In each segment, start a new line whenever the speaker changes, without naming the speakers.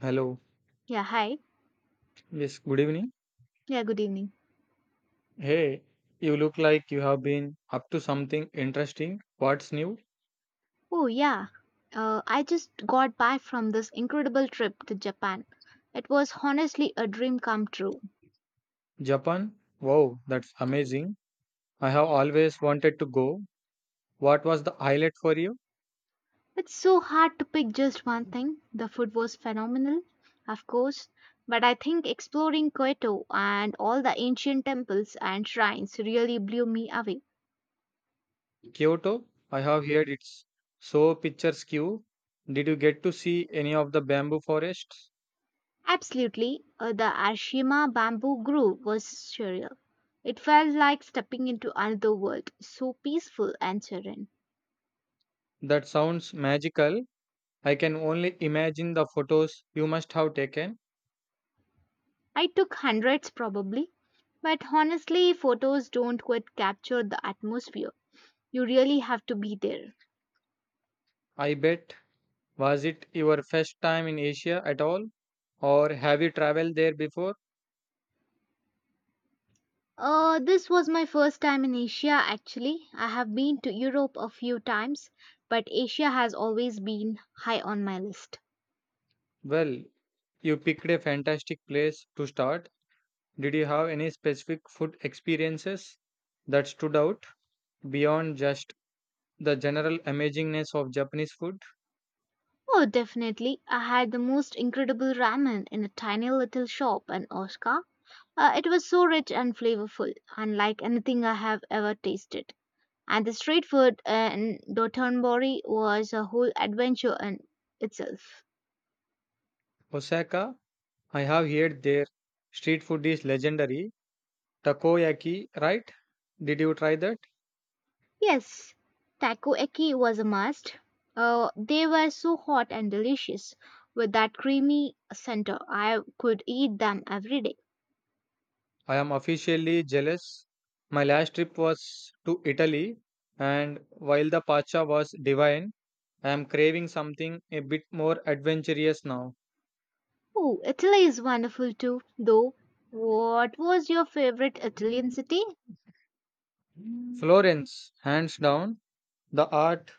Hello.
Yeah, hi.
Yes, good evening.
Yeah, good evening.
Hey, you look like you have been up to something interesting. What's new?
Oh, yeah. I just got back from this incredible trip to Japan. It was honestly a dream come true.
Japan? Wow, that's amazing. I have always wanted to go. What was the highlight for you?
It's so hard to pick just one thing. The food was phenomenal, of course, but I think exploring Kyoto and all the ancient temples and shrines really blew me away.
Kyoto? I have heard it's so picturesque. Did you get to see any of the bamboo forests?
Absolutely, the Ashima bamboo grove was surreal. It felt like stepping into another world, so peaceful and serene.
That sounds magical. I can only imagine the photos you must have taken.
I took hundreds probably, but honestly, photos don't quite capture the atmosphere. You really have to be there.
I bet. Was it your first time in Asia at all? Or have you traveled there before?
This was my first time in Asia actually. I have been to Europe a few times, but Asia has always been high on my list.
Well, you picked a fantastic place to start. Did you have any specific food experiences that stood out beyond just the general amazingness of Japanese food?
Oh, definitely. I had the most incredible ramen in a tiny little shop in Osaka. It was so rich and flavorful, unlike anything I have ever tasted. And the street food in Dotonbori was a whole adventure in itself.
Osaka, I have heard their street food is legendary. Takoyaki, right? Did you try that?
Yes, takoyaki was a must. They were so hot and delicious with that creamy center. I could eat them every day.
I am officially jealous. My last trip was to Italy, and while the pasta was divine, I am craving something a bit more adventurous now.
Oh, Italy is wonderful too, though. What was your favorite Italian city?
Florence, hands down, the art,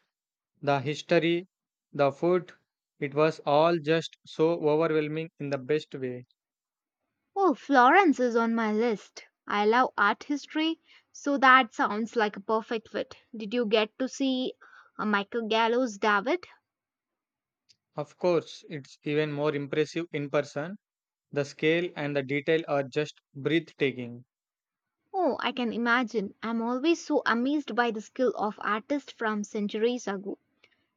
the history, the food, it was all just so overwhelming in the best way.
Oh, Florence is on my list. I love art history, so that sounds like a perfect fit. Did you get to see Michael Gallo's David?
Of course, it's even more impressive in person. The scale and the detail are just breathtaking.
Oh, I can imagine. I'm always so amazed by the skill of artists from centuries ago.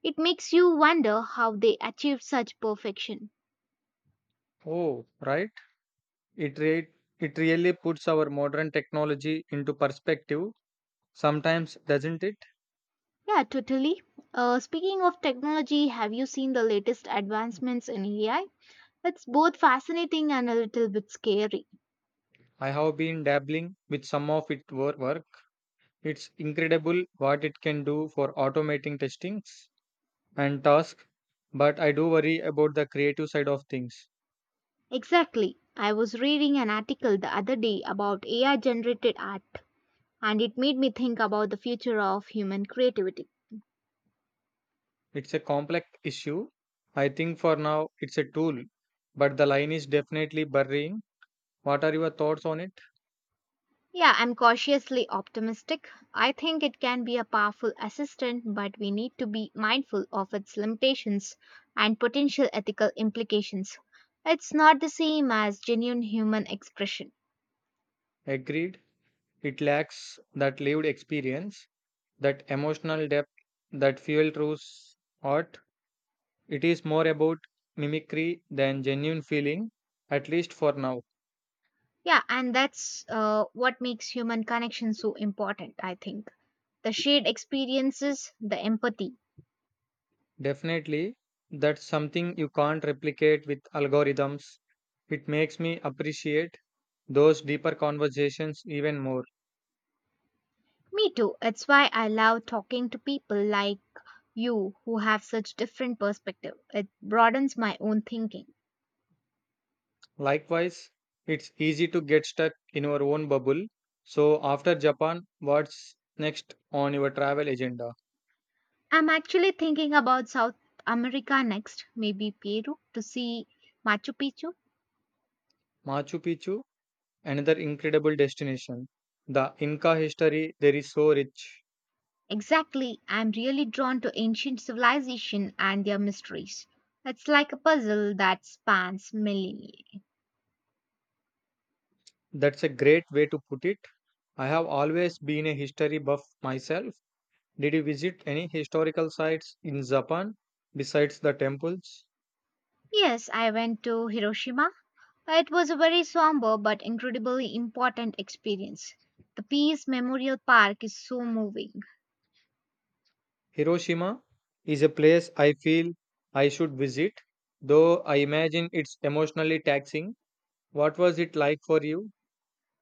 It makes you wonder how they achieved such perfection.
Oh, right? It, re- it really puts our modern technology into perspective. Sometimes, doesn't it?
Yeah, totally. Speaking of technology, have you seen the latest advancements in AI? It's both fascinating and a little bit scary.
I have been dabbling with some of its work. It's incredible what it can do for automating testings. And task, but I do worry about the creative side of things.
Exactly. I was reading an article the other day about AI generated art, and it made me think about the future of human creativity.
It's a complex issue. I think for now it's a tool, but the line is definitely burying. What are your thoughts on it?
Yeah, I'm cautiously optimistic. I think it can be a powerful assistant, but we need to be mindful of its limitations and potential ethical implications. It's not the same as genuine human expression.
Agreed. It lacks that lived experience, that emotional depth, that fuel through art. It is more about mimicry than genuine feeling, at least for now.
Yeah, and that's what makes human connection so important, I think. The shared experiences, the empathy.
Definitely, that's something you can't replicate with algorithms. It makes me appreciate those deeper conversations even more.
Me too. It's why I love talking to people like you who have such different perspective. It broadens my own thinking.
Likewise, it's easy to get stuck in our own bubble. So, after Japan, what's next on your travel agenda?
I'm actually thinking about South America next, maybe Peru to see Machu Picchu.
Machu Picchu, another incredible destination. The Inca history there is so rich.
Exactly, I'm really drawn to ancient civilization and their mysteries. It's like a puzzle that spans millennia.
That's a great way to put it. I have always been a history buff myself. Did you visit any historical sites in Japan besides the temples?
Yes, I went to Hiroshima. It was a very somber but incredibly important experience. The Peace Memorial Park is so moving.
Hiroshima is a place I feel I should visit, though I imagine it's emotionally taxing. What was it like for you?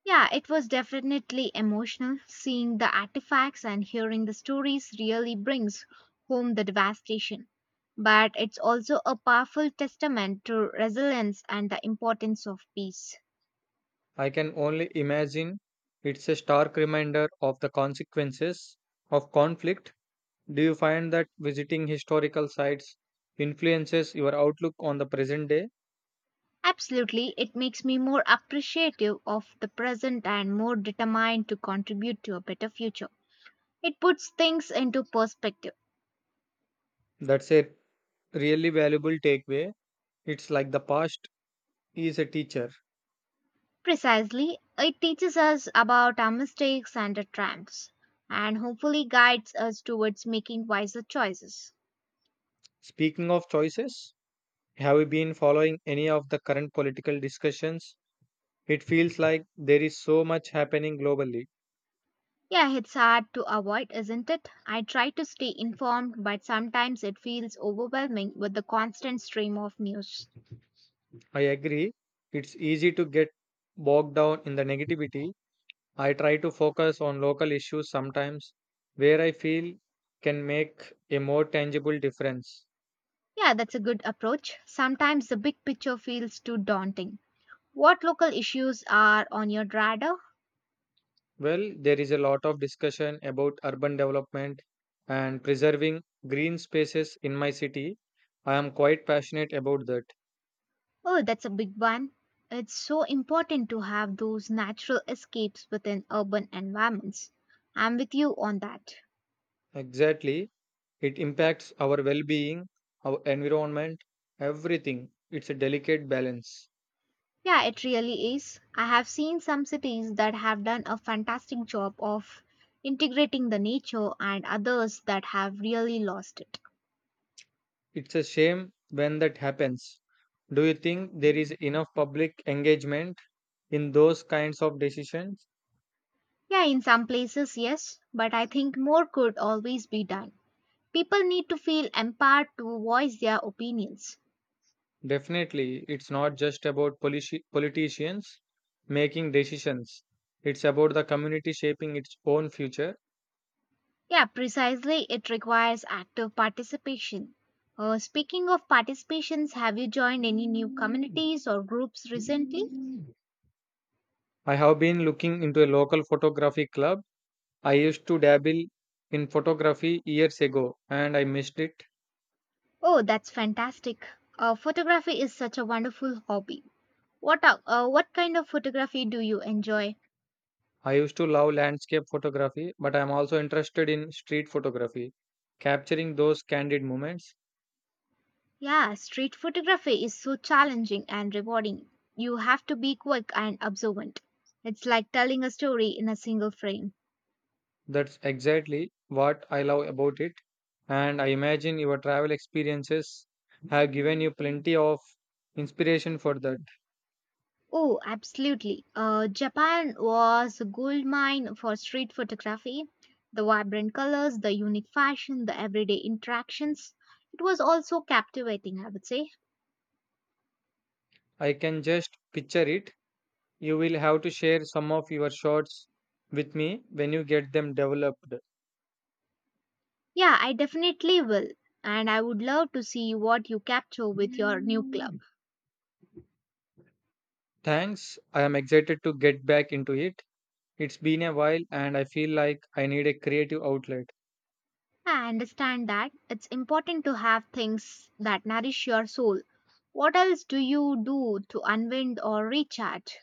Yeah, it was definitely emotional. Seeing the artifacts and hearing the stories really brings home the devastation. But it's also a powerful testament to resilience and the importance of peace.
I can only imagine it's a stark reminder of the consequences of conflict. Do you find that visiting historical sites influences your outlook on the present day?
Absolutely, it makes me more appreciative of the present and more determined to contribute to a better future. It puts things into perspective.
That's a really valuable takeaway. It's like the past is a teacher.
Precisely, it teaches us about our mistakes and our triumphs, and hopefully guides us towards making wiser choices.
Speaking of choices, have you been following any of the current political discussions? It feels like there is so much happening globally.
Yeah, it's hard to avoid, isn't it? I try to stay informed, but sometimes it feels overwhelming with the constant stream of news.
I agree. It's easy to get bogged down in the negativity. I try to focus on local issues sometimes where I feel can make a more tangible difference.
Yeah, that's a good approach. Sometimes the big picture feels too daunting. What local issues are on your radar?
Well, there is a lot of discussion about urban development and preserving green spaces in my city. I am quite passionate about that.
Oh, that's a big one. It's so important to have those natural escapes within urban environments. I'm with you on that.
Exactly. It impacts our well being, our environment, everything. It's a delicate balance.
Yeah, it really is. I have seen some cities that have done a fantastic job of integrating the nature and others that have really lost it.
It's a shame when that happens. Do you think there is enough public engagement in those kinds of decisions?
Yeah, in some places, yes, but I think more could always be done. People need to feel empowered to voice their opinions.
Definitely, it's not just about politicians making decisions, it's about the community shaping its own future.
Yeah, precisely. It requires active participation. Speaking of participations, have you joined any new communities or groups recently?
I have been looking into a local photography club. I used to dabble in photography years ago and I missed it.
Oh, that's fantastic. Photography is such a wonderful hobby. What kind of photography do you enjoy?
I used to love landscape photography, but I'm also interested in street photography, capturing those candid moments.
Yeah, street photography is so challenging and rewarding. You have to be quick and observant. It's like telling a story in a single frame.
That's exactly what I love about it. And I imagine your travel experiences have given you plenty of inspiration for that.
Oh, absolutely. Japan was a gold mine for street photography. The vibrant colors, the unique fashion, the everyday interactions. It was also captivating, I would say.
I can just picture it. You will have to share some of your shots with me when you get them developed.
Yeah, I definitely will. And I would love to see what you capture with your new club.
Thanks. I am excited to get back into it. It's been a while and I feel like I need a creative outlet.
I understand that it's important to have things that nourish your soul. What else do you do to unwind or recharge?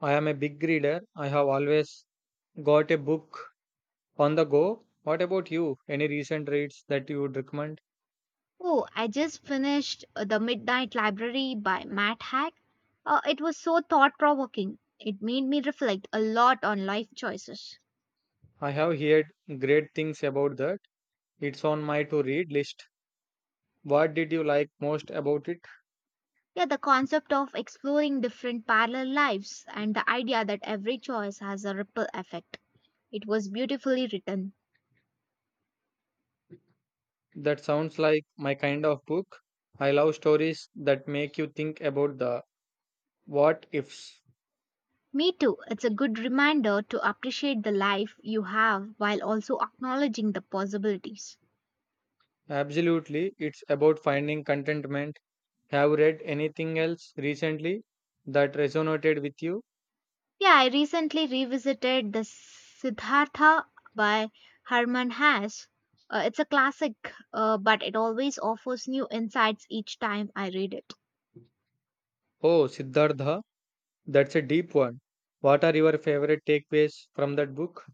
I am a big reader. I have always got a book on the go. What about you? Any recent reads that you would recommend?
Oh, I just finished The Midnight Library by Matt Haig. It was so thought provoking. It made me reflect a lot on life choices.
I have heard great things about that. It's on my to read list. What did you like most about it?
Yeah, the concept of exploring different parallel lives and the idea that every choice has a ripple effect. It was beautifully written.
That sounds like my kind of book. I love stories that make you think about the what ifs.
Me too, it's a good reminder to appreciate the life you have while also acknowledging the possibilities.
Absolutely, it's about finding contentment. Have you read anything else recently that resonated with you?
Yeah, I recently revisited the Siddhartha by Herman Hesse. It's a classic, but it always offers new insights each time I read it.
Oh, Siddhartha, that's a deep one. What are your favorite takeaways from that book?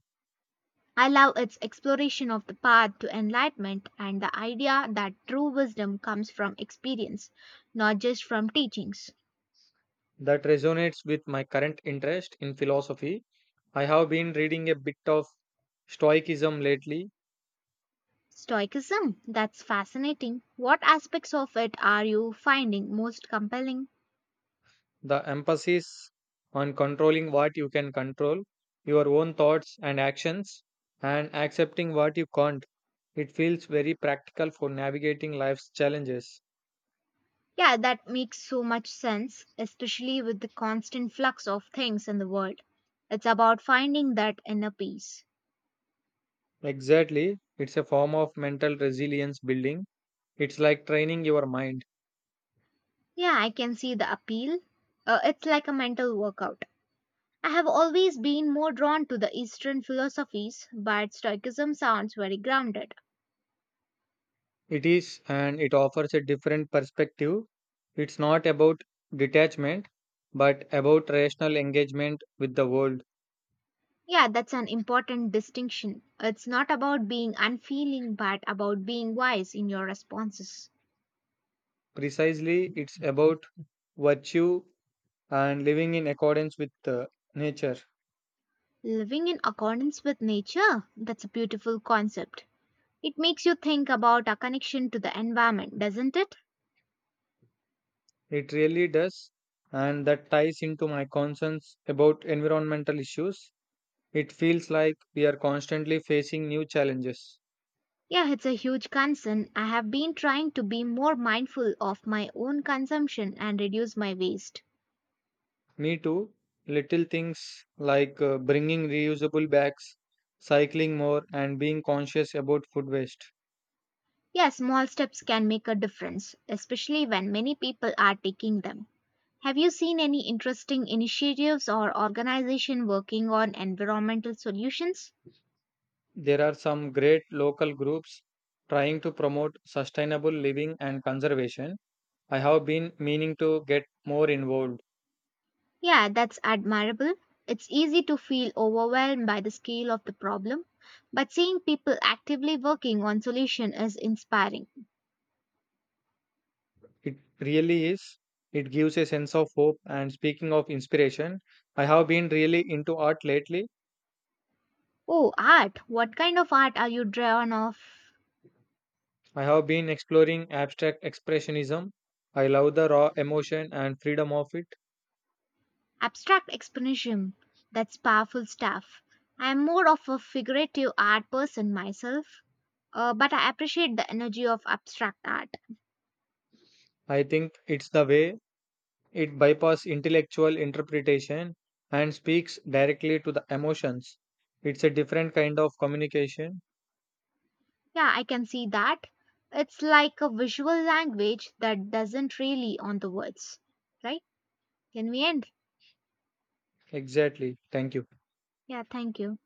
I love its exploration of the path to enlightenment and the idea that true wisdom comes from experience, not just from teachings.
That resonates with my current interest in philosophy. I have been reading a bit of Stoicism lately,
Stoicism, that's fascinating. What aspects of it are you finding most compelling?
the emphasis on controlling what you can control, your own thoughts and actions, and accepting what you can't. It feels very practical for navigating life's challenges.
Yeah, that makes so much sense, especially with the constant flux of things in the world. It's about finding that inner peace.
Exactly, it's a form of mental resilience building. It's like training your mind.
Yeah, I can see the appeal. It's like a mental workout. I have always been more drawn to the Eastern philosophies, but Stoicism sounds very grounded.
It is, and it offers a different perspective. It's not about detachment, but about rational engagement with the world.
Yeah, that's an important distinction. It's not about being unfeeling, but about being wise in your responses.
Precisely, it's about virtue and living in accordance with nature.
Living in accordance with nature? That's a beautiful concept. It makes you think about our connection to the environment, doesn't it?
It really does, and that ties into my concerns about environmental issues. It feels like we are constantly facing new challenges.
Yeah, it's a huge concern. I have been trying to be more mindful of my own consumption and reduce my waste.
Me too. Little things like bringing reusable bags, cycling more, and being conscious about food waste.
Yeah, small steps can make a difference, especially when many people are taking them. Have you seen any interesting initiatives or organization working on environmental solutions?
There are some great local groups trying to promote sustainable living and conservation. I have been meaning to get more involved.
Yeah, that's admirable. It's easy to feel overwhelmed by the scale of the problem, but seeing people actively working on solution is inspiring.
It really is. It gives a sense of hope. And speaking of inspiration, I have been really into art lately.
Oh, art. What kind of art are you drawn of?
I have been exploring abstract expressionism. I love the raw emotion and freedom of it.
Abstract expressionism. That's powerful stuff. I am more of a figurative art person myself, but I appreciate the energy of abstract art.
I think it's the way it bypasses intellectual interpretation and speaks directly to the emotions. It's a different kind of communication.
Yeah, I can see that. It's like a visual language that doesn't really on the words, right? Can we end?
Exactly. Thank you.
Yeah, thank you.